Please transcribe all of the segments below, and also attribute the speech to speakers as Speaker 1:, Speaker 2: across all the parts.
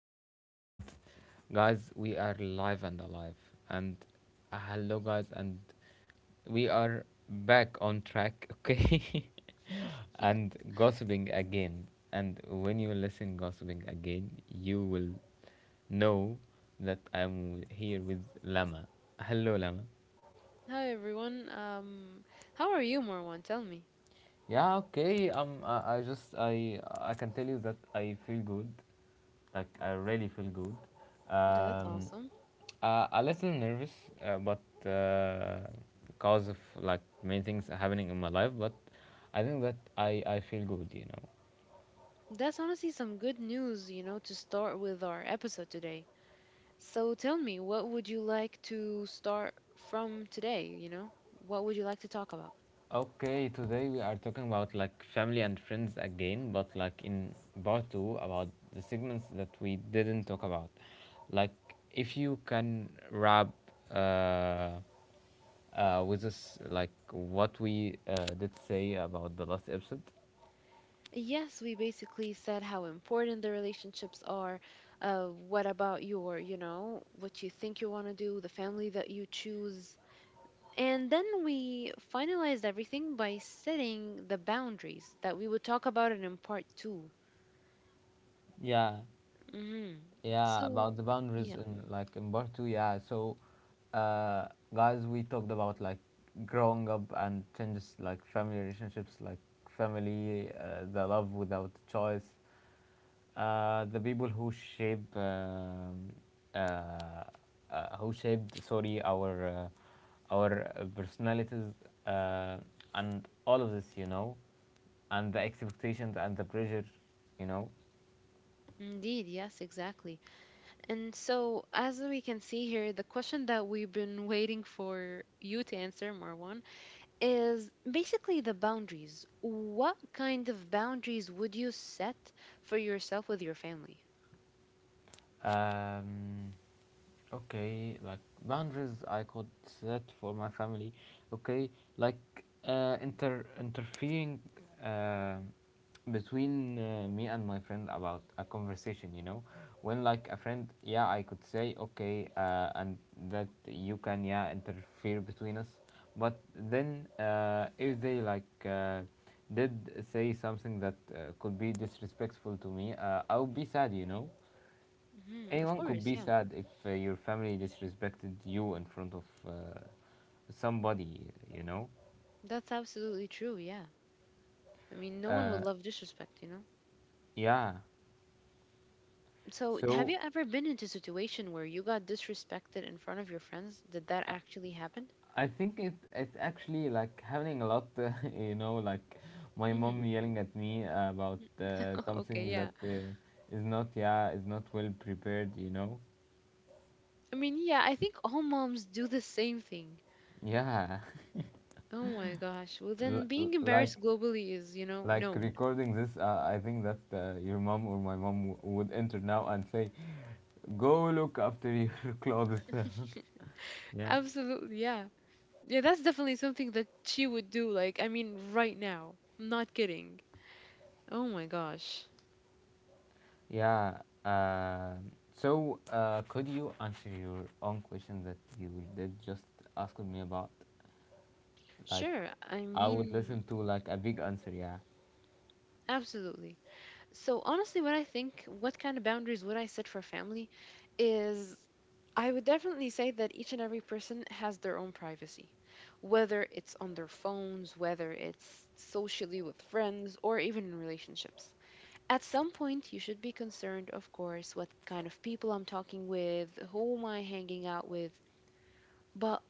Speaker 1: course. And guys, we are live and alive. And hello, guys, and we are back on track, okay?
Speaker 2: Yeah.
Speaker 1: And gossiping again. And when you listen gossiping again, you will know that I'm here with Lama. Hello, Lama.
Speaker 2: Hi everyone. How are you, Marwan? Tell me.
Speaker 1: Yeah, okay. I just I can tell you that I feel good, like I really feel good.
Speaker 2: That's
Speaker 1: Um,
Speaker 2: awesome.
Speaker 1: a little nervous, but because of like many things happening in my life, but I think that I feel good, you know.
Speaker 2: That's honestly some good news, to start with our episode today. So tell me, what would you like to start from today? What would you like to talk about?
Speaker 1: Okay, today we are talking about like family and friends again, but like in part two about the segments that we didn't talk about. Like, if you can wrap uh, with us, like what we did say about the last episode.
Speaker 2: Yes, we basically said how important the relationships are. What about your, what you think you want to do, the family that you choose, and then we finalized everything by setting the boundaries that we will talk about it in part 2.
Speaker 1: Yeah,
Speaker 2: Hmm.
Speaker 1: yeah,
Speaker 2: So,
Speaker 1: about the boundaries
Speaker 2: yeah,
Speaker 1: in like in part two, yeah. So, uh, guys, we talked about like growing up and changes like family relationships, like family, the love without choice, the people who uh, shaped sorry our personalities uh, and all of this you know and the expectations and the pressure you know.
Speaker 2: indeed, yes, exactly. And so, as we can see here, the question that we've been waiting for you to answer, Marwan, is basically the boundaries. What kind of boundaries would you set for yourself with your family?
Speaker 1: um, Okay, like boundaries I could set for my family. Okay, like interfering uh, between me and my friend about a conversation. You know, when like a friend, yeah, I could say okay, and that you can yeah interfere between us. But then if they like did say something that could be disrespectful to me, I'll be sad. You know.
Speaker 2: Hmm. Of
Speaker 1: Anyone could
Speaker 2: course,
Speaker 1: be
Speaker 2: yeah.
Speaker 1: sad if your family disrespected you in front of uh, somebody, you know?
Speaker 2: That's absolutely true, yeah. I mean, no one
Speaker 1: Uh,
Speaker 2: would love disrespect, you know?
Speaker 1: yeah.
Speaker 2: So, have
Speaker 1: So
Speaker 2: you ever been into a situation where you got disrespected in front of your friends? Did that actually happen?
Speaker 1: I think it's actually like happening a lot, you know, like my
Speaker 2: Hmm.
Speaker 1: mom yelling at me about
Speaker 2: Okay,
Speaker 1: something that
Speaker 2: yeah.
Speaker 1: is not yeah, is not well prepared, you know?
Speaker 2: I mean, yeah, I think all moms do the same thing.
Speaker 1: Yeah.
Speaker 2: Oh my gosh. Well,
Speaker 1: L-
Speaker 2: then
Speaker 1: l-
Speaker 2: being
Speaker 1: like
Speaker 2: embarrassed globally is,
Speaker 1: like
Speaker 2: known.
Speaker 1: recording this, I think that your mom or my mom would enter now and say, go look after your clothes. Yeah.
Speaker 2: Absolutely, yeah. Yeah, that's definitely something that she would do. Like, I mean, right now. I'm not kidding. Oh my gosh.
Speaker 1: Yeah. Uh, so, could you answer your own question that you did just ask me about? Like,
Speaker 2: Sure. I
Speaker 1: I would
Speaker 2: mean,
Speaker 1: listen to like a big answer. Yeah.
Speaker 2: absolutely. So honestly, when I think what kind of boundaries would I set for family is I would definitely say that each and every person has their own privacy, whether it's on their phones, whether it's socially with friends, or even in relationships. At some point, you should be concerned, of course, what kind of people I'm talking with, who am I hanging out with. But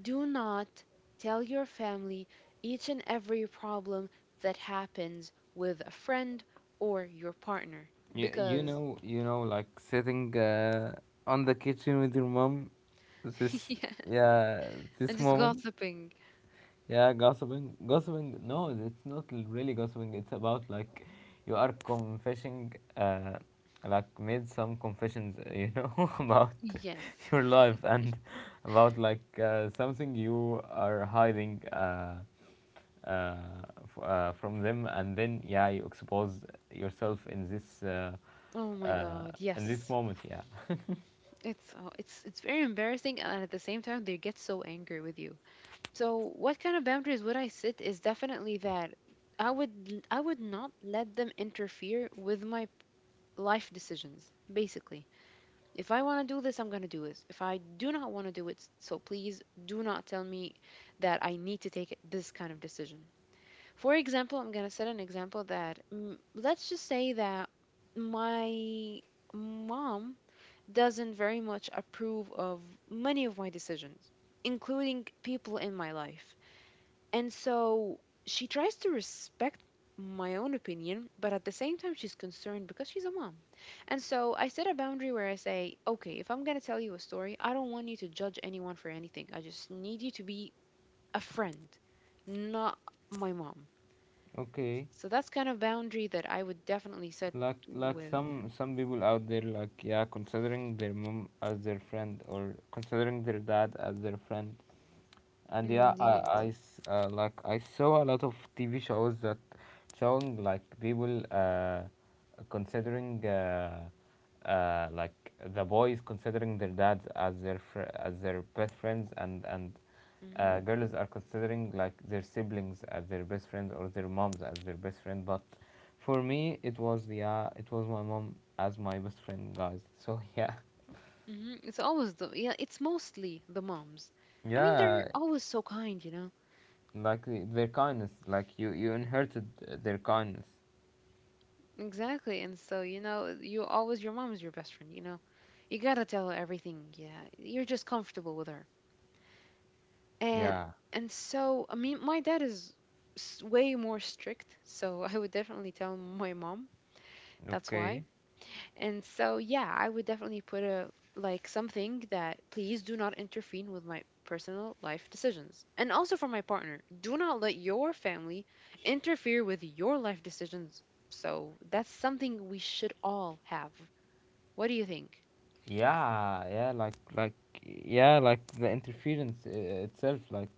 Speaker 2: do not tell your family each and every problem that happens with a friend or your partner
Speaker 1: You, you
Speaker 2: because,
Speaker 1: know you know like sitting on the kitchen with your mom. This
Speaker 2: yeah,
Speaker 1: yeah
Speaker 2: and
Speaker 1: this
Speaker 2: just
Speaker 1: moment.
Speaker 2: gossiping.
Speaker 1: Yeah, gossiping. Gossiping, no, it's not really gossiping. It's about like you are confessing, like made some confessions, you know, about
Speaker 2: Yes.
Speaker 1: your life and about like something you are hiding uh, from them, and then yeah, you expose yourself in
Speaker 2: Oh my
Speaker 1: uh,
Speaker 2: God.
Speaker 1: this
Speaker 2: Yes.
Speaker 1: moment. Yeah.
Speaker 2: It's oh, it's very embarrassing, and at the same time, they get so angry with you. So, what kind of boundaries would I set is definitely that I would not let them interfere with my life decisions, basically. If I want to do this, I'm going to do this. If I do not want to do it, so please do not tell me that I need to take this kind of decision. For example, I'm going to set an example that let's just say that my mom doesn't very much approve of many of my decisions, including people in my life. And so she tries to respect my own opinion, but at the same time, she's concerned because she's a mom. And so I set a boundary where I say, okay, if I'm going to tell you a story, I don't want you to judge anyone for anything. I just need you to be a friend, not my mom.
Speaker 1: Okay.
Speaker 2: So that's kind of boundary that I would definitely set
Speaker 1: Like
Speaker 2: with.
Speaker 1: some people out there like yeah considering their mom as their friend or considering their dad as their friend and yeah,
Speaker 2: Indeed.
Speaker 1: like I saw a lot of TV shows that showing like people considering like the boys considering their dads as their as their best friends and
Speaker 2: hmm
Speaker 1: girls are considering like their siblings as their best friends or their moms as their best friend. But for me, it was yeah, it was my mom as my best friend, guys. So yeah,
Speaker 2: hmm It's always yeah, it's mostly the moms. I mean, they're
Speaker 1: yeah.
Speaker 2: always so kind, you know?
Speaker 1: Like their kindness like you inherited their kindness.
Speaker 2: Exactly. And so, you always, your mom is your best friend, you know. You gotta tell her everything. Yeah. You're just comfortable with her. And,
Speaker 1: Yeah,
Speaker 2: and so, I mean, my dad is way more strict. So I would definitely tell my mom. That's why.
Speaker 1: okay.
Speaker 2: And so, yeah, I would definitely put a, like, something that please do not interfere with my personal life decisions. And also for my partner, do not let your family interfere with your life decisions. So that's something we should all have. What do you think?
Speaker 1: Yeah yeah like like yeah like the interference itself like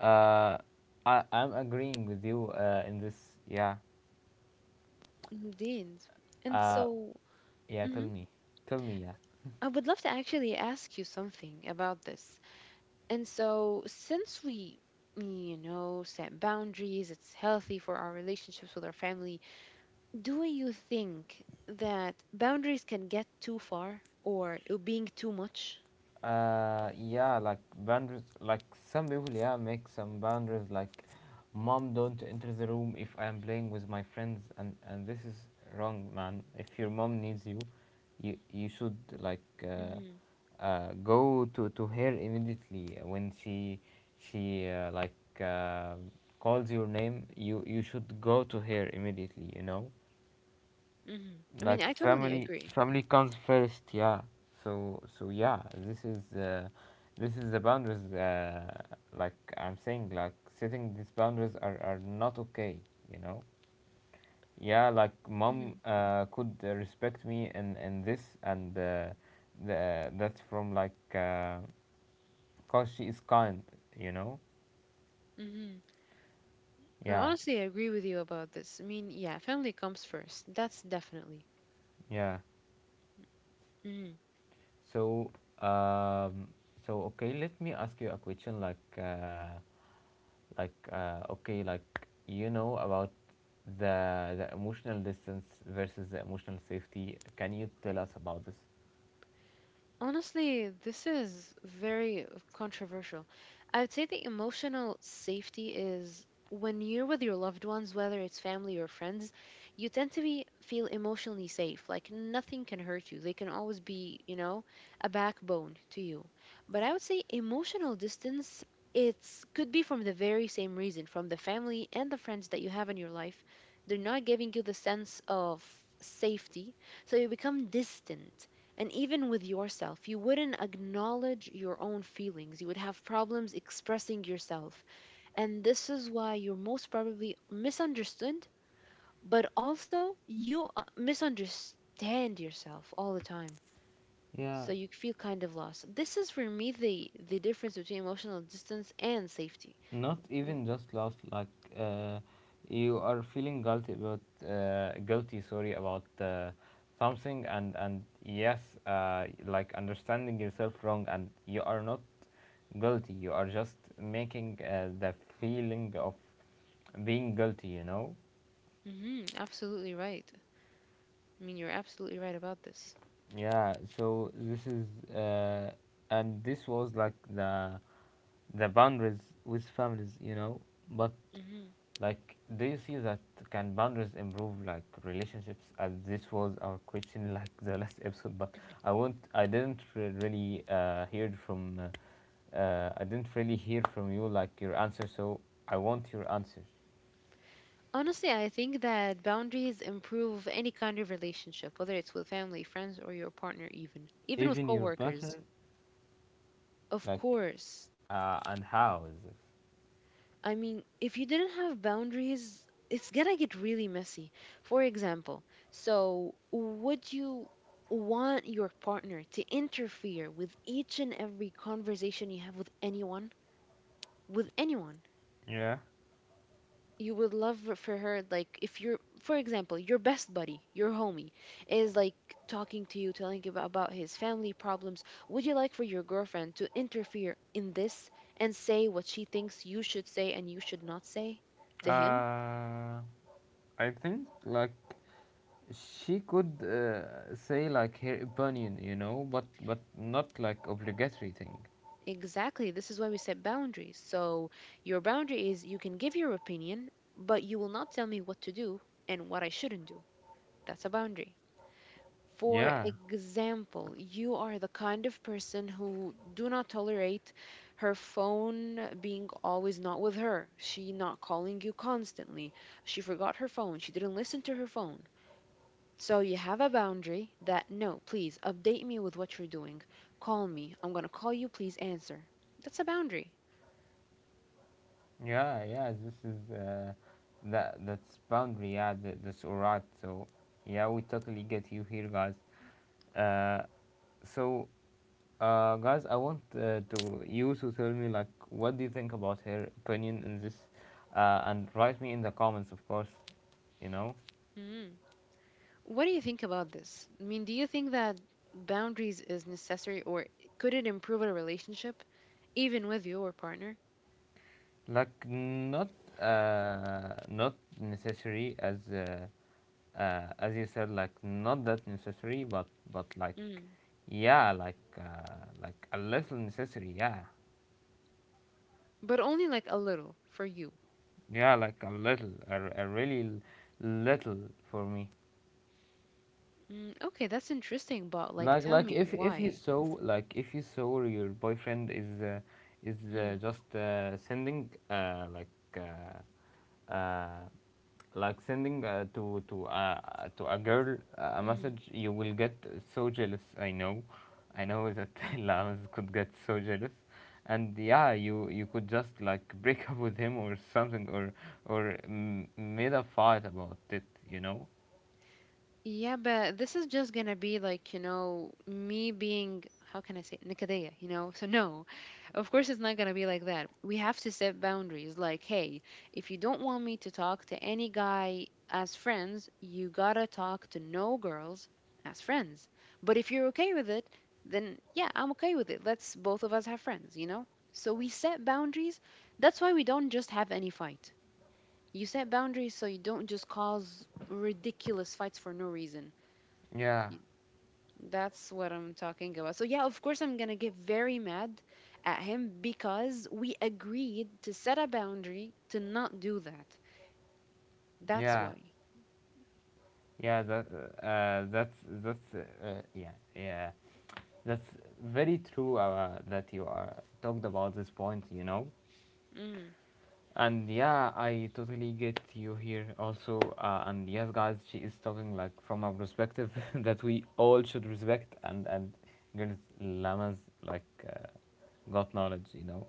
Speaker 1: uh I'm agreeing with you in this, yeah.
Speaker 2: Indeed. And
Speaker 1: uh
Speaker 2: so,
Speaker 1: yeah
Speaker 2: mhm,
Speaker 1: tell me, tell me yeah
Speaker 2: I would love to actually ask you something about this. And so, since we, set boundaries, it's healthy for our relationships with our family. Do you think that boundaries can get too far or it being too much?
Speaker 1: Yeah, like boundaries, like some people, yeah, make some boundaries. Like, mom, don't enter the room if I am playing with my friends, and this is wrong, man. If your mom needs you, you should like
Speaker 2: Mm-hmm.
Speaker 1: go to her immediately when she like uh, calls your name. You should go to her immediately. You know,
Speaker 2: Mm-hmm. I mean,
Speaker 1: like
Speaker 2: I totally
Speaker 1: family
Speaker 2: agree.
Speaker 1: family comes first, yeah. So so yeah, this is the boundaries, like I'm saying, like setting these boundaries are not okay, you know. Yeah, like mom
Speaker 2: Mm-hmm.
Speaker 1: could respect me in this, and that's from like because she is kind, you know.
Speaker 2: Mm-hmm. I
Speaker 1: Yeah.
Speaker 2: honestly agree with you about this. I mean, yeah, family comes first. That's definitely.
Speaker 1: yeah
Speaker 2: Mhm.
Speaker 1: so, um okay, let me ask you a question, like like, okay, like you know about the emotional distance versus the emotional safety. Can you tell us about this?
Speaker 2: Honestly, this is very controversial. I would say the emotional safety is when you're with your loved ones, whether it's family or friends, you tend to be feel emotionally safe. Like nothing can hurt you. They can always be, you know, a backbone to you. But I would say emotional distance, it's could be from the very same reason, from the family and the friends that you have in your life. They're not giving you the sense of safety, so you become distant and even with yourself, you wouldn't acknowledge your own feelings. You would have problems expressing yourself. And this is why you're most probably misunderstood, but also you misunderstand yourself all the time.
Speaker 1: Yeah,
Speaker 2: So you feel kind of lost. This is for me the difference between emotional distance and safety.
Speaker 1: not even just lost. Like uh, you are feeling guilty about guilty. Sorry, about something, and yes, like understanding yourself wrong, and you are not guilty. You are just making the feeling of being guilty. You know,
Speaker 2: Mm-hmm, absolutely right. I mean, you're absolutely right about this.
Speaker 1: yeah, so this is uh, and this was like the boundaries with families, you know. But
Speaker 2: Hmm.
Speaker 1: like, do you see that can boundaries improve like relationships? As this was our question, like the last episode. But I want I didn't re- really hear from I didn't really hear from you like your answer. So I want your answer,
Speaker 2: Honestly, I think that boundaries improve any kind of relationship, whether it's with family, friends, or your partner, even, even with
Speaker 1: even your partner,
Speaker 2: coworkers. Of
Speaker 1: like
Speaker 2: course.
Speaker 1: and how is this?
Speaker 2: I mean, if you didn't have boundaries, it's gonna get really messy. For example, so would you want your partner to interfere with each and every conversation you have with anyone? With anyone?
Speaker 1: Yeah.
Speaker 2: You would love for her, like, if you're, for example, your best buddy, your homie is like talking to you telling you about his family problems. Would you like for your girlfriend to interfere in this and say what she thinks you should say and you should not say to him?
Speaker 1: Uh, I think like she could say like her opinion, you know, but not like obligatory thing.
Speaker 2: Exactly, this is why we set boundaries. So your boundary is you can give your opinion, but you will not tell me what to do and what I shouldn't do. That's a boundary. For
Speaker 1: Yeah,
Speaker 2: example, you are the kind of person who do not tolerate her phone being always not with her. She not calling you constantly. She forgot her phone. She didn't listen to her phone. So you have a boundary that no, please update me with what you're doing. Call me. I'm going to call you. Please answer. That's a boundary.
Speaker 1: yeah, yeah. This is that that's boundary. Yeah, that, that's alright. So yeah, we totally get you here, guys. Uh, so Guys, I want to you to tell me like what do you think about her opinion in this, and write me in the comments, of course. You know,
Speaker 2: Mhm. What do you think about this? I mean, do you think that boundaries is necessary or could it improve a relationship even with your partner?
Speaker 1: like not not necessary as. As you said, like not that necessary, but like
Speaker 2: Mm.
Speaker 1: yeah, like a little necessary. Yeah,
Speaker 2: But only like a little for you.
Speaker 1: yeah, like a little, a really little for me.
Speaker 2: Mm, okay, that's interesting, but like
Speaker 1: Like
Speaker 2: tell
Speaker 1: like
Speaker 2: me
Speaker 1: if if you
Speaker 2: why.
Speaker 1: saw, if you saw your boyfriend is just sending uh, uh, sending to a girl a
Speaker 2: Mm-hmm.
Speaker 1: message, you will get so jealous. I know that Lams could get so jealous, and yeah, you could just like break up with him or something or made a fight about it. You know?
Speaker 2: Yeah, but this is just gonna be like, me being, how can I say, it? You know? So, no, of course, it's not gonna be like that. We have to set boundaries. Like, hey, if you don't want me to talk to any guy as friends, you gotta talk to no girls as friends. But if you're okay with it, then yeah, I'm okay with it. Let's both of us have friends, you know? So, we set boundaries. That's why we don't just have any fight. You set boundaries so you don't just cause ridiculous fights for no reason.
Speaker 1: Yeah,
Speaker 2: Y- That's what I'm talking about. So, yeah, of course, I'm going to get very mad at him because we agreed to set a boundary to not do that. That's
Speaker 1: yeah.
Speaker 2: why.
Speaker 1: Yeah, uh, that's that's uh, yeah yeah that's very true that you talked about this point, you know.
Speaker 2: Mm.
Speaker 1: And yeah, I totally get you here also. And yes, guys, she is talking like from a perspective that we all should respect. And girls, llamas like got knowledge, you know.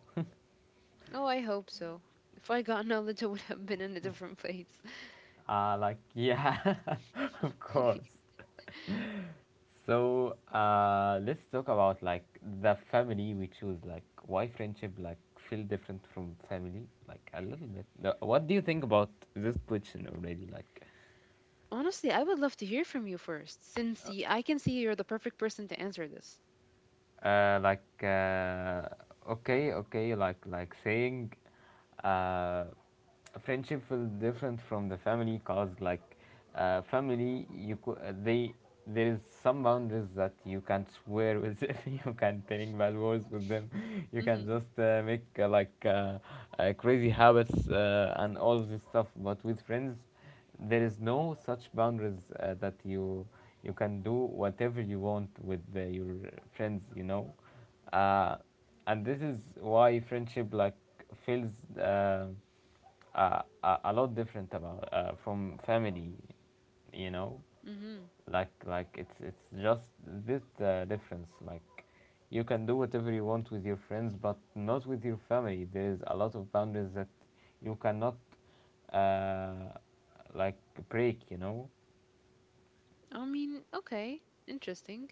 Speaker 2: Oh, I hope so. If I got knowledge, I would have been in a different place.
Speaker 1: Like yeah, of course. So let's talk about like the family we choose. Like why friendship like feel different from family? Like a little bit. No, what do you think about this question already? Like
Speaker 2: Honestly, I would love to hear from you first, since I can see you're the perfect person to answer this.
Speaker 1: uh, like uh, okay, saying uh, friendship feels different from the family cause like they there is some boundaries that you can't swear with them, you can't telling bad words with them, you
Speaker 2: Hmm.
Speaker 1: can just make crazy habits and all this stuff, but with friends there is no such boundaries that you can do whatever you want with your friends, you know. uh, and this is why friendship like feels uh, a lot different about from family, you know.
Speaker 2: Mm-hmm.
Speaker 1: Like it's just this difference, like you can do whatever you want with your friends but not with your family, there is a lot of boundaries that you cannot uh, like break, you know.
Speaker 2: I mean, okay, interesting.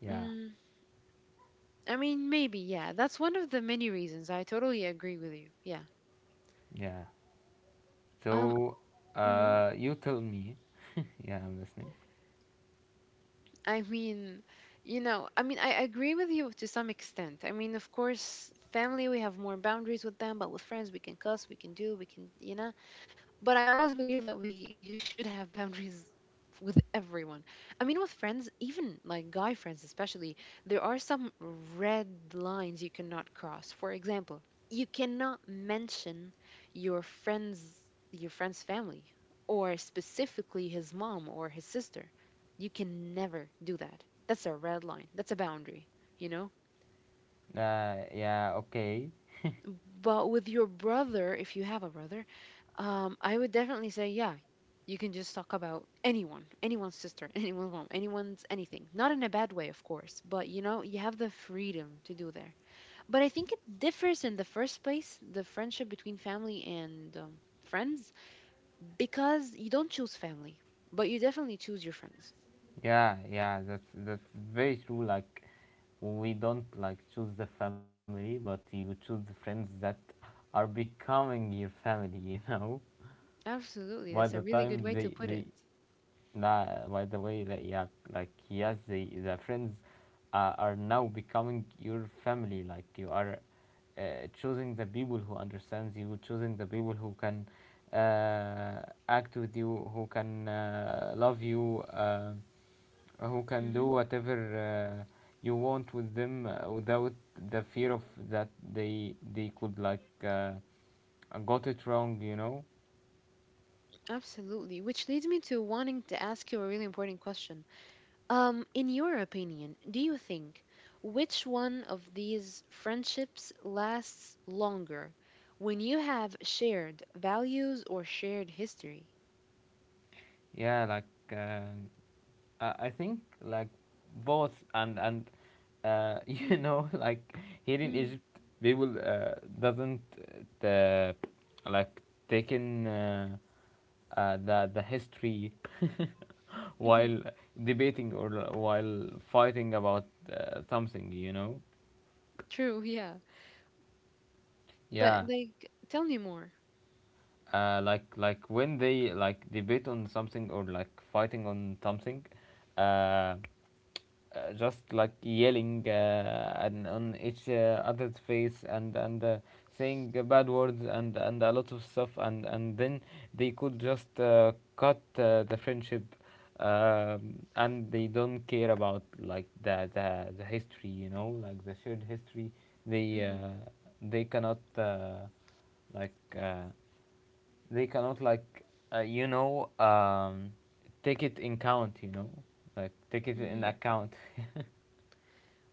Speaker 1: Yeah,
Speaker 2: Mm, I mean, maybe, yeah. That's one of the many reasons. I totally agree with you. Yeah.
Speaker 1: yeah.
Speaker 2: Um.
Speaker 1: So
Speaker 2: Mm-hmm.
Speaker 1: you tell me, yeah, I'm listening.
Speaker 2: I mean, you know, I mean, I agree with you to some extent. I mean, of course, family, we have more boundaries with them, but with friends, we can cuss, we can do, we can, but I always believe that we you should have boundaries with everyone. I mean, with friends, even like guy friends, especially, there are some red lines you cannot cross. For example, you cannot mention your friend's your friend's family or specifically his mom or his sister. You can never do that. That's a red line. That's a boundary, you know?
Speaker 1: Uh, yeah, okay.
Speaker 2: But with your brother, if you have a brother, I would definitely say, yeah, you can just talk about anyone, anyone's sister, anyone's mom, anyone's anything. Not in a bad way, of course, but you know, you have the freedom to do there. But I think it differs in the first place, the friendship between family and friends, because you don't choose family, but you definitely choose your friends.
Speaker 1: Yeah, yeah, that's very true. Like we don't like choose the family, but you choose the friends that are becoming your family. You know, by the
Speaker 2: Absolutely,
Speaker 1: time
Speaker 2: that's a
Speaker 1: they
Speaker 2: really good
Speaker 1: they
Speaker 2: way to put it.
Speaker 1: nah, by the way, like, yeah, like yes, they the friends are now becoming your family. Like you are uh, choosing the people who understands you, choosing the people who can act with you, who can love you. Who can do
Speaker 2: Hmm.
Speaker 1: whatever you want with them without the fear of that they could like got it wrong.
Speaker 2: Absolutely, which leads me to wanting to ask you a really important question. In your opinion, do you think which one of these friendships lasts longer when you have shared values or shared history?
Speaker 1: yeah like uh, I think like both and you know like here in Egypt they will doesn't uh, like take in the history
Speaker 2: Mm-hmm.
Speaker 1: while debating or while fighting about something, you know?
Speaker 2: True, yeah. But
Speaker 1: Yeah.
Speaker 2: like, tell me more.
Speaker 1: Like when they like debate on something or like fighting on something, uh, uh, just like yelling and on each other's face, and saying bad words and a lot of stuff, and then they could just cut the friendship. And they don't care about like the history, you know, like the shared history. they
Speaker 2: hmm
Speaker 1: uh, they cannot like uh, they cannot like uh, you know um, take it in count. You know, like take it in
Speaker 2: hmm
Speaker 1: account.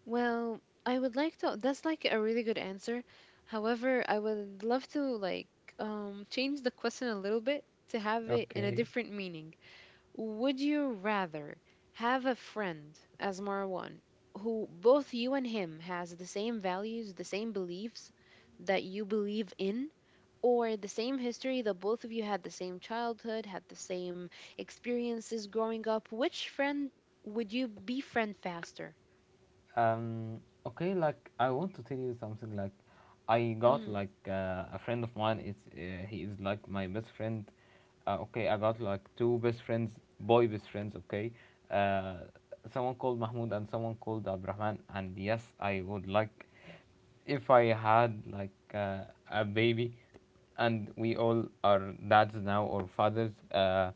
Speaker 2: Well, I would like to. That's like a really good answer. However, I would love to like change the question a little bit to have it in a
Speaker 1: Okay.
Speaker 2: different meaning. Would you rather have a friend as Marwan who both you and him has the same values, the same beliefs that you believe in, or the same history that both of you had the same childhood, had the same experiences growing up? Which friend would you befriend faster?
Speaker 1: Um, okay, like I want to tell you something. Like I got
Speaker 2: Mm,
Speaker 1: like a friend of mine. It's He is like my best friend. Okay, I got like two best friends, boy best friends, okay? Uh, Someone called Mahmoud and someone called Abrahman, and yes, I would like, if I had like a baby, and we all are dads now or fathers,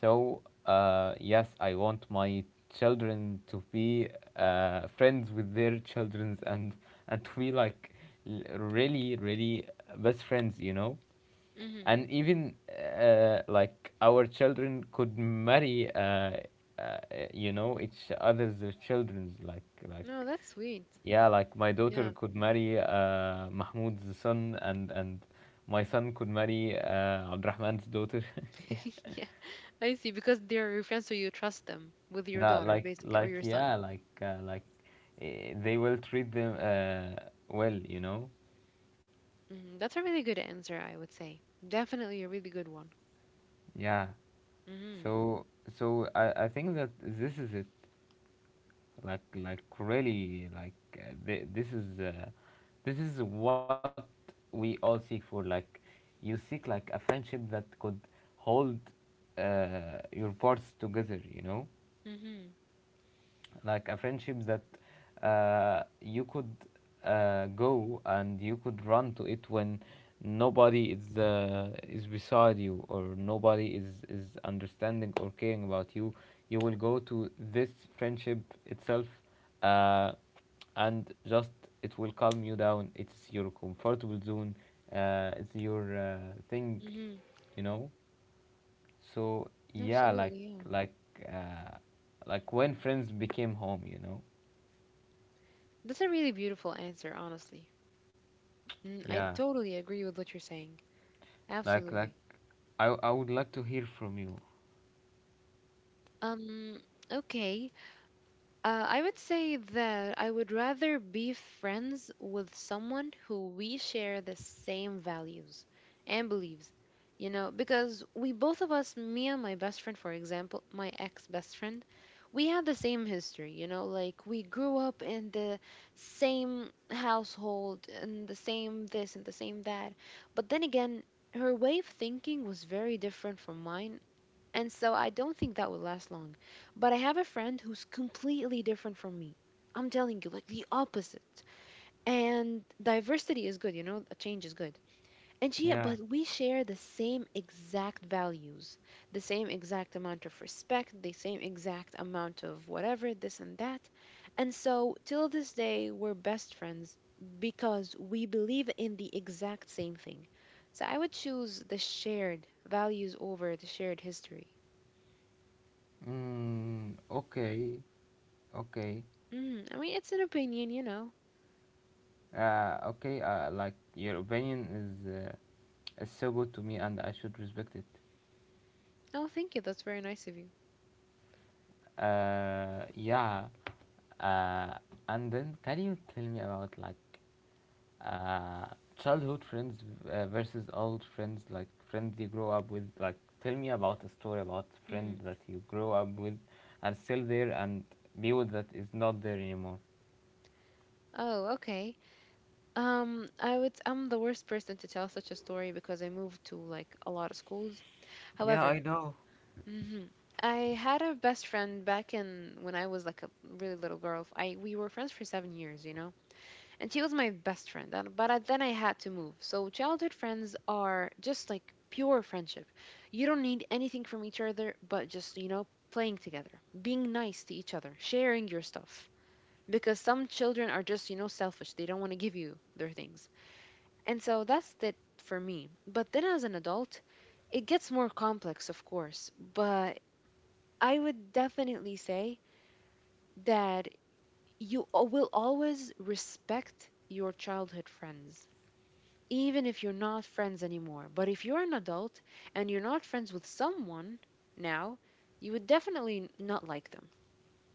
Speaker 1: so yes, I want my children to be friends with their children, and to be like really really best friends, you know.
Speaker 2: mm-hmm.
Speaker 1: And even like our children could marry each other's children, like
Speaker 2: No, that's sweet.
Speaker 1: yeah, like my daughter
Speaker 2: Yeah.
Speaker 1: could marry Mahmoud's son, and my son could marry Abdurrahman's daughter. Yeah,
Speaker 2: Yeah. I see. Because they're your friends, so you trust them with your
Speaker 1: no,
Speaker 2: daughter, basically, or your son.
Speaker 1: eh, they will treat them well, you know.
Speaker 2: Mm, that's a really good answer, I would say. Definitely a really good one.
Speaker 1: Yeah.
Speaker 2: Mm-hmm.
Speaker 1: So so I think that this is it. Like really like this is what we all seek for. Like you seek like a friendship that could hold your parts together, you know,
Speaker 2: Mm-hmm.
Speaker 1: like a friendships that you could go and you could run to it when nobody is beside you, or nobody is understanding or caring about you. You will go to this friendship itself, uh, and just it will calm you down. It's your comfortable zone, it's your thing,
Speaker 2: Mm-hmm.
Speaker 1: you know. So yeah, like
Speaker 2: Absolutely, yeah.
Speaker 1: like uh, like when friends became home, you know.
Speaker 2: That's a really beautiful answer, honestly. Mm, I
Speaker 1: Yeah,
Speaker 2: totally agree with what you're saying.
Speaker 1: like
Speaker 2: Absolutely.
Speaker 1: I would like to hear from you.
Speaker 2: Um, okay, I would say that I would rather be friends with someone who we share the same values and beliefs. You know, because we both of us, me and my best friend, for example, my ex best friend, we had the same history, you know, like we grew up in the same household and the same this and the same that. But then again, her way of thinking was very different from mine, and so I don't think that would last long. But I have a friend who's completely different from me. I'm telling you, like the opposite. And diversity is good, you know, a change is good. And she,
Speaker 1: Yeah.
Speaker 2: but we share the same exact values, the same exact amount of respect, the same exact amount of whatever, this and that. And so till this day, we're best friends because we believe in the exact same thing. So I would choose the shared values over the shared history.
Speaker 1: Mm, okay. Okay.
Speaker 2: Mm, I mean, it's an opinion, you know.
Speaker 1: Okay. Like your opinion is so good to me, and I should respect it.
Speaker 2: Oh, thank you. That's very nice of you.
Speaker 1: Yeah. Uh, and then can you tell me about like uh childhood friends versus old friends, like friends you grow up with? Like, tell me about a story about friend
Speaker 2: Mm.
Speaker 1: that you grow up with, and still there, and be with that is not there anymore.
Speaker 2: Oh, okay. I would. I'm the worst person to tell such a story because I moved to like a lot of schools.
Speaker 1: Yeah,
Speaker 2: However.
Speaker 1: I know.
Speaker 2: Hmm. I had a best friend back in when I was like a really little girl. I we were friends for 7 years, you know. And she was my best friend, then I had to move. So childhood friends are just like pure friendship. You don't need anything from each other, but just, you know, playing together, being nice to each other, sharing your stuff, because some children are just, you know, selfish. They don't want to give you their things. And so that's it for me. But then as an adult, it gets more complex, of course. But I would definitely say that you will always respect your childhood friends, even if you're not friends anymore. But if you're an adult and you're not friends with someone now, you would definitely not like them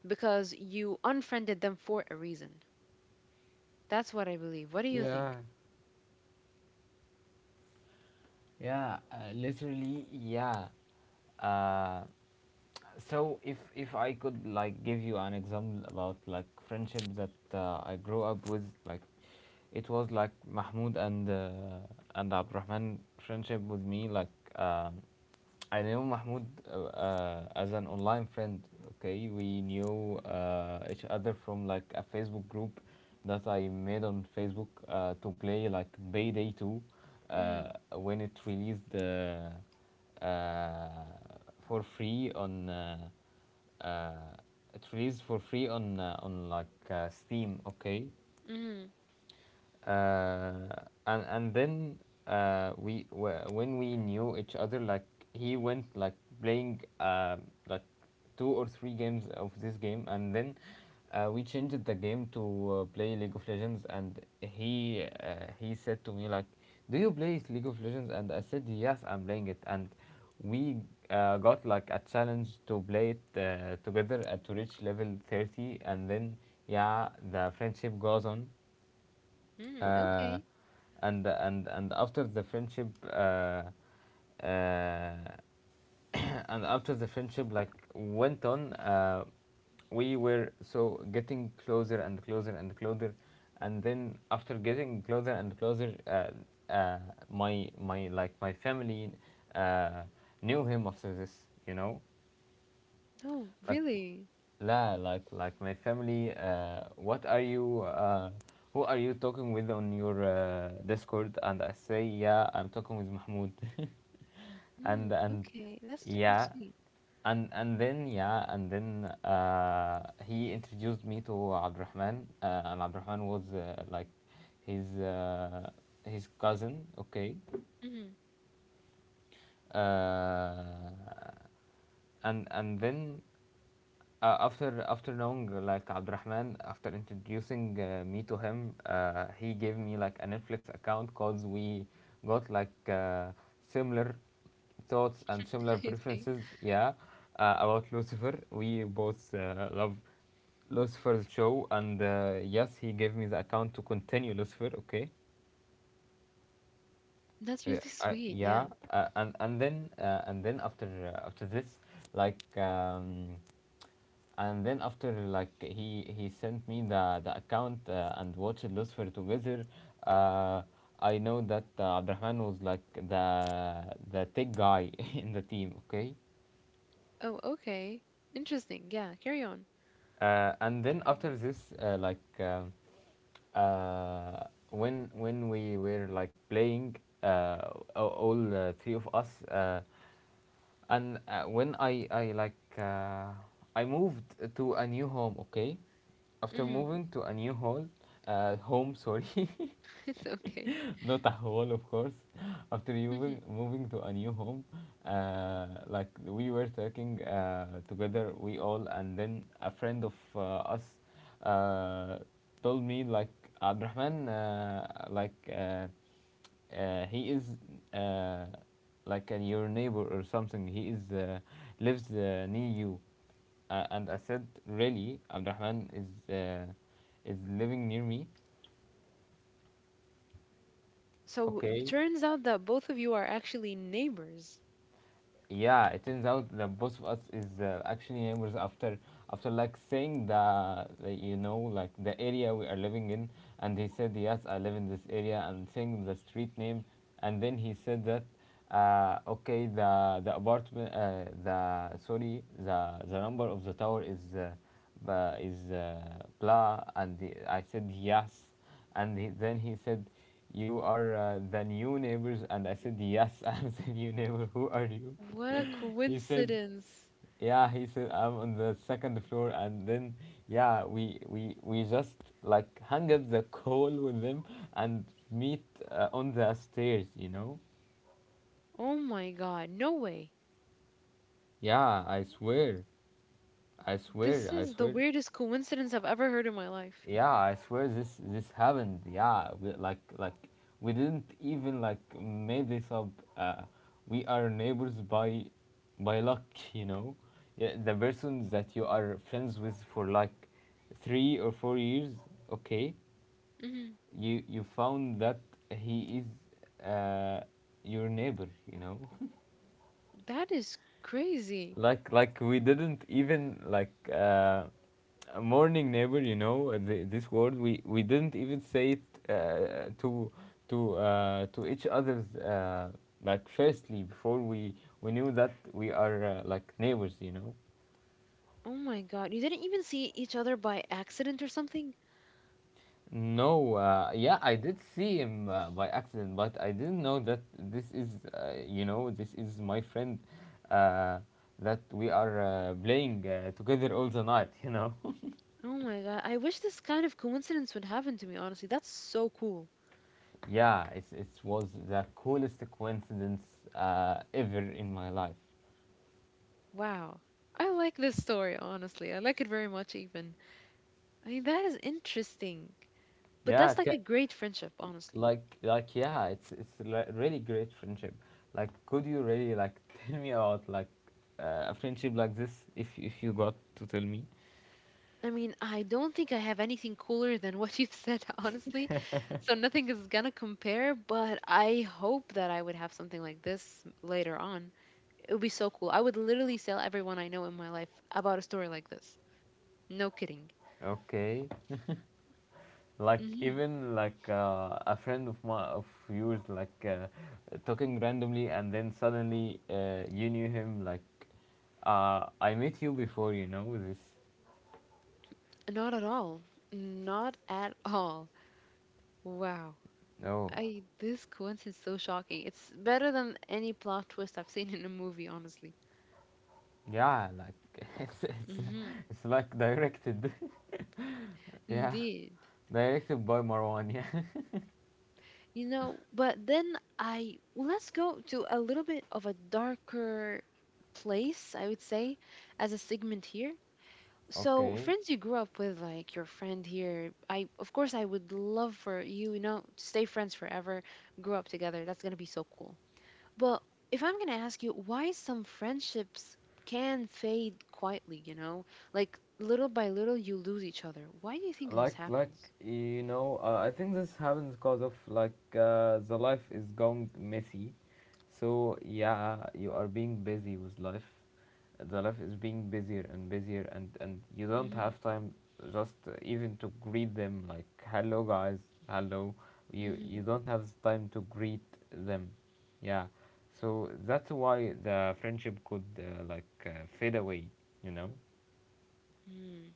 Speaker 2: because you unfriended them for a reason. That's what I believe. What do you
Speaker 1: Yeah.
Speaker 2: think?
Speaker 1: Yeah, literally, yeah. Uh, so if I could like give you an example about like friendship that I grew up with, like it was like Mahmoud and Abdurrahman friendship with me. Like um, I knew Mahmoud as an online friend. Okay, we knew each other from like a Facebook group that I made on Facebook to play like Payday 2, uh,
Speaker 2: Mm,
Speaker 1: when it released uh, for free on uh, it released for free on like Steam. Okay,
Speaker 2: mm,
Speaker 1: uh, and and then when we knew each other, like he went like playing like two or three games of this game, and then we changed the game to play League of Legends, and he he said to me like, "Do you play League of Legends?" And I said, "Yes, I'm playing it." And we got like a challenge to play it together to reach level 30, and then yeah, the friendship goes on.
Speaker 2: mm,
Speaker 1: uh,
Speaker 2: okay.
Speaker 1: and and after the friendship uh, and after the friendship like went on, we were so getting closer and closer and closer, and then after getting closer and closer, my like my family uh, knew him after this, you know,
Speaker 2: Oh,
Speaker 1: like
Speaker 2: really?
Speaker 1: la, my family. What are you? Who are you talking with on your Discord? And I say, yeah, I'm talking with Mahmoud.
Speaker 2: Mm,
Speaker 1: And
Speaker 2: okay. That's really
Speaker 1: yeah,
Speaker 2: sweet.
Speaker 1: and then yeah, and then he introduced me to Abdurrahman, and Abdurrahman was like his uh, his cousin. Okay,
Speaker 2: Mm,
Speaker 1: uh, and then after knowing like Abdurrahman, after introducing me to him, he gave me like a Netflix account because we got like similar thoughts and
Speaker 2: I
Speaker 1: similar
Speaker 2: see.
Speaker 1: preferences. Yeah, about Lucifer, we both love Lucifer's show, and yes, he gave me the account to continue Lucifer. Okay,
Speaker 2: That's really sweet.
Speaker 1: yeah,
Speaker 2: Yeah.
Speaker 1: and then after after this, like um, and then after like he sent me the account and watched Lucifer together. Uh, I know that Abdurrahman was like the tech guy in the team. Okay,
Speaker 2: Oh, okay. Interesting. Yeah. Carry on.
Speaker 1: and then
Speaker 2: Mm.
Speaker 1: after this, when we were like playing, uh, all three of us, and when I moved to a new home. Okay. After
Speaker 2: Hmm.
Speaker 1: moving to a new hall, home, sorry,
Speaker 2: It's okay.
Speaker 1: not a hall, of course. After moving to a new home, like we were talking together, we all, and then a friend of us uh, told me like Abdurrahman, he is uh, your neighbor or something. He is lives near you. And I said, really, Abdurrahman is living near me.
Speaker 2: So it
Speaker 1: Okay.
Speaker 2: turns out that both of you are actually neighbors.
Speaker 1: Yeah, it turns out that both of us is actually neighbors, after like saying the, you know, like the area we are living in, and he said yes, I live in this area, and saying the street name, and then he said that, okay, the apartment the sorry, the number of the tower is ba- is uh, blah, I said yes, and he, then he said, you are the new neighbors, and I said yes. I'm the new neighbor, who are you?
Speaker 2: What a
Speaker 1: He said,
Speaker 2: coincidence.
Speaker 1: "Yeah." He said, "I'm on the second floor," and then, yeah, we we just like hung up the call with them and meet on the stairs. You know?
Speaker 2: Oh my god, no way.
Speaker 1: Yeah, I swear, I swear,
Speaker 2: This
Speaker 1: I
Speaker 2: is the
Speaker 1: swear.
Speaker 2: weirdest coincidence I've ever heard in my life.
Speaker 1: Yeah, I swear this happened. Yeah, we, like we didn't even like made this up. Uh, we are neighbors by luck, you know. Yeah, the person that you are friends with for like 3 or 4 years, okay,
Speaker 2: Mhm.
Speaker 1: you found that he is your neighbor, you know.
Speaker 2: That is crazy.
Speaker 1: We didn't even like a morning neighbor, you know, this word we didn't even say it to each other's, like, firstly before we knew that we are like neighbors, you know.
Speaker 2: Oh my god, you didn't even see each other by accident or something?
Speaker 1: No, yeah, I did see him by accident, but I didn't know that this is, this is my friend uh, that we are playing together all the night. You know.
Speaker 2: Oh my god, I wish this kind of coincidence would happen to me, honestly. That's so cool.
Speaker 1: Yeah, it's, it was the coolest coincidence ever in my life.
Speaker 2: Wow. I like this story, honestly. I like it very much, even. I mean, that is interesting. But
Speaker 1: Yeah,
Speaker 2: that's like a great friendship, honestly.
Speaker 1: yeah, it's really great friendship. Like, could you really like tell me about like a friendship like this if you got to tell me?
Speaker 2: I mean, I don't think I have anything cooler than what you've said, honestly. So nothing is gonna compare, but I hope that I would have something like this later on. It would be so cool. I would literally tell everyone I know in my life about a story like this. No kidding.
Speaker 1: Okay, like
Speaker 2: Hmm.
Speaker 1: even like a friend of my of yours like talking randomly and then suddenly you knew him like I met you before, you know this.
Speaker 2: Not at all. Not at all. Wow.
Speaker 1: No.
Speaker 2: I this coincidence is so shocking. It's better than any plot twist I've seen in a movie, honestly.
Speaker 1: Yeah, like it's it's,
Speaker 2: Hmm.
Speaker 1: it's like directed. Yeah,
Speaker 2: Indeed.
Speaker 1: directed by Marwan. Yeah.
Speaker 2: You know, but then I well, let's go to a little bit of a darker place, I would say, as a segment here. So,
Speaker 1: Okay.
Speaker 2: friends you grew up with, like your friend here, I of course I would love for you, you know, to stay friends forever, grow up together. That's gonna be so cool. But if I'm gonna ask you why some friendships can fade quietly, you know, like little by little you lose each other. Why do you think this
Speaker 1: like like
Speaker 2: happens?
Speaker 1: you know, I think this happens because of like the life is going messy. So yeah, you are being busy with life. The life is being busier and busier, and you don't
Speaker 2: Mm-hmm,
Speaker 1: have time just even to greet them, like hello guys, hello. you
Speaker 2: mm-hmm,
Speaker 1: you don't have the time to greet them. Yeah. So that's why the friendship could fade away, you know.
Speaker 2: mm.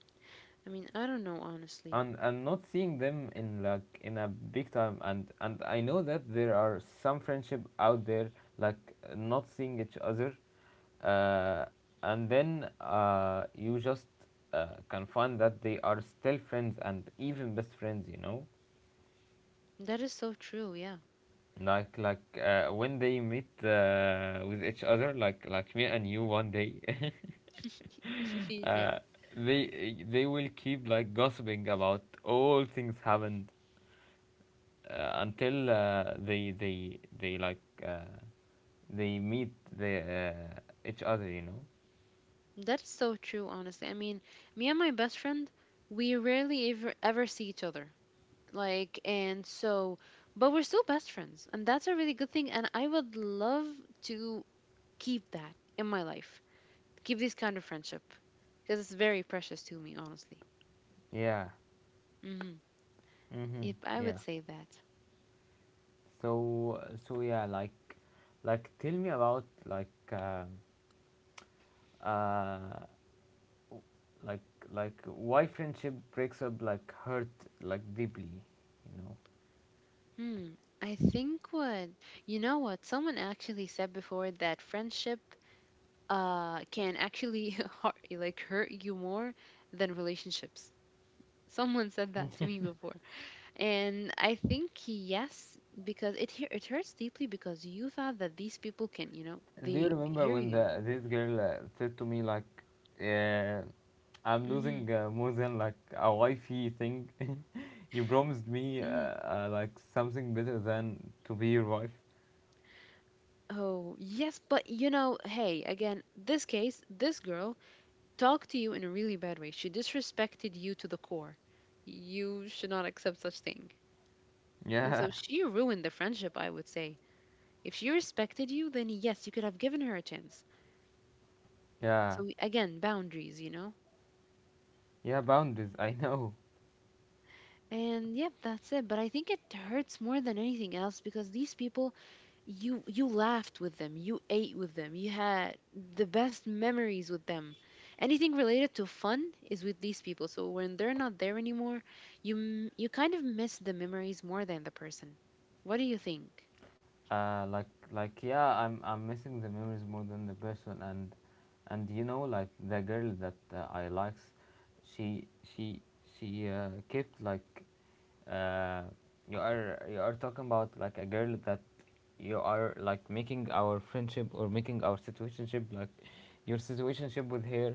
Speaker 2: I mean, I don't know, honestly.
Speaker 1: And not seeing them in like in a big time, and I know that there are some friendship out there, like not seeing each other, uh, and then you just can find that they are still friends and even best friends, you know.
Speaker 2: That is so true. Yeah.
Speaker 1: When they meet with each other like me and you one day.
Speaker 2: Indeed, yeah.
Speaker 1: uh, they will keep like gossiping about all things happened, until they they like uh, they meet the each other, you know.
Speaker 2: That's so true, honestly. I mean, me and my best friend, we rarely ever ever see each other. Like, and so, but we're still best friends, and that's a really good thing. And I would love to keep that in my life, keep this kind of friendship, because it's very precious to me, honestly.
Speaker 1: Yeah.
Speaker 2: Mm-hmm.
Speaker 1: Mm-hmm.
Speaker 2: Yep, I would
Speaker 1: Yeah.
Speaker 2: say that.
Speaker 1: So so yeah like like tell me about uh, like why friendship breaks up like hurt like deeply, you know.
Speaker 2: Hmm. I think what you know what someone actually said before, that friendship can actually hurt, like hurt you more than relationships. Someone said that to me before, and I think yes, because it hurts deeply because you thought that these people can, you know,
Speaker 1: Do you
Speaker 2: they
Speaker 1: remember
Speaker 2: hear
Speaker 1: when the
Speaker 2: you.
Speaker 1: this girl said to me like, uh, I'm
Speaker 2: Hmm.
Speaker 1: losing more than like a wifey thing. You promised me
Speaker 2: Hmm.
Speaker 1: like something better than to be your wife.
Speaker 2: Oh yes, but you know, hey, again, this case, this girl talked to you in a really bad way. She disrespected you to the core. You should not accept such thing, and
Speaker 1: Yeah.
Speaker 2: so she ruined the friendship, I would say. If she respected you, then yes, you could have given her a chance.
Speaker 1: Yeah,
Speaker 2: So again, boundaries, you know?
Speaker 1: yeah. Boundaries. I know.
Speaker 2: And yep, that's it. But I think it hurts more than anything else because these people, you laughed with them, you ate with them, you had the best memories with them. Anything related to fun is with these people. So when they're not there anymore, you kind of miss the memories more than the person. What do you think?
Speaker 1: Yeah. I'm missing the memories more than the person. And you know, like the girl that I likes, she she she kept like uh, you are, you are talking about like a girl that you are like making our friendship or making our situationship like your situationship with her,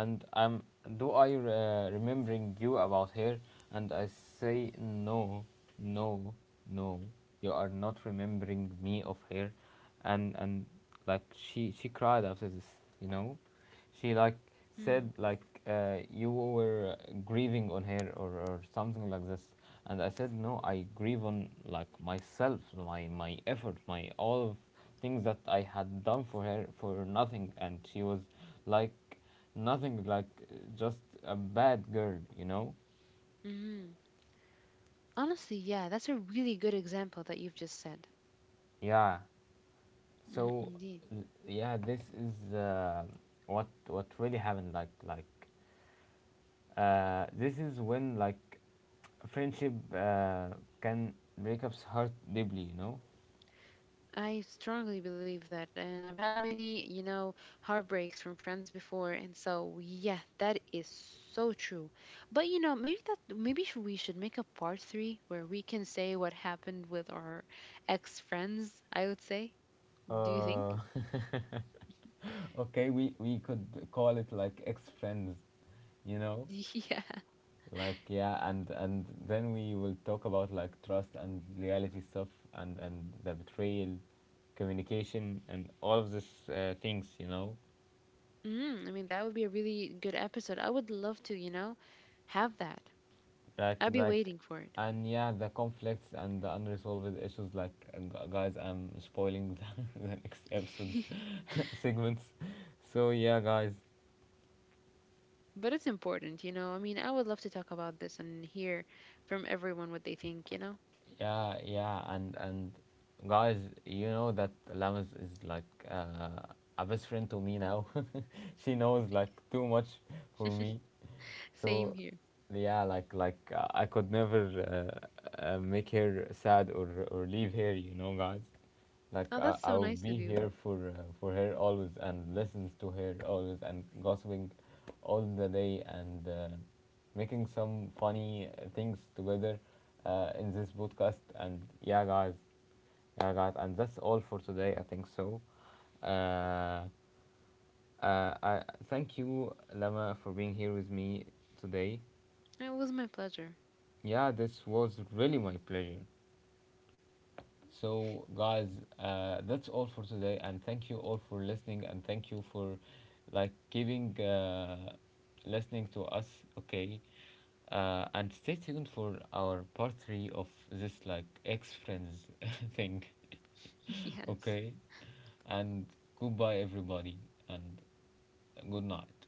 Speaker 1: and um, do I remembering you about her, and I say no, no, no, you are not remembering me of her. And she cried after this, you know. She like
Speaker 2: Hmm.
Speaker 1: said like, you were grieving on her, or something like this. And I said no, I grieve on like myself, my effort, my all of things that I had done for her for nothing. And she was like nothing, like just a bad girl, you know.
Speaker 2: Hmm. Honestly, yeah, that's a really good example that you've just said.
Speaker 1: Yeah.
Speaker 2: Hmm.
Speaker 1: So
Speaker 2: Indeed.
Speaker 1: yeah, this is what really happened. This is when like friendship can breakups hurt deeply, you know.
Speaker 2: I strongly believe that, and I've had many, you know, heartbreaks from friends before, and so yeah, that is so true. But you know, maybe we should make a part three where we can say what happened with our ex friends, I would say. Do you think?
Speaker 1: Uh, okay, we could call it like ex friends, you know.
Speaker 2: Yeah.
Speaker 1: Like yeah, and then we will talk about like trust and reality stuff, and the betrayal, communication, and all of these things, you know.
Speaker 2: Mm, I mean, that would be a really good episode. I would love to, you know, have that.
Speaker 1: like
Speaker 2: I'd be
Speaker 1: like
Speaker 2: waiting for it.
Speaker 1: and yeah, the conflicts and the unresolved issues, like guys, I'm spoiling the, the next episode's segments. So yeah, guys.
Speaker 2: But it's important, you know. I mean, I would love to talk about this and hear from everyone what they think, you know.
Speaker 1: Yeah, yeah, and guys, you know that Lamas is like a best friend to me now. She knows like too much for me,
Speaker 2: Same
Speaker 1: so
Speaker 2: here.
Speaker 1: yeah, I could never make her sad or leave her, you know, guys.
Speaker 2: Oh, that's so
Speaker 1: I'll
Speaker 2: nice of
Speaker 1: be
Speaker 2: you.
Speaker 1: here for her always, and listens to her always, and gossiping all the day, and making some funny things together in this podcast. And yeah, guys, and that's all for today, I think so. Uh, I thank you, Lama, for being here with me today.
Speaker 2: It was my pleasure.
Speaker 1: Yeah, this was really my pleasure. So, guys, that's all for today, and thank you all for listening, and thank you for like giving listening to us. Okay, and stay tuned for our part three of this like ex friends thing.
Speaker 2: Yes.
Speaker 1: Okay, and goodbye, everybody, and good night.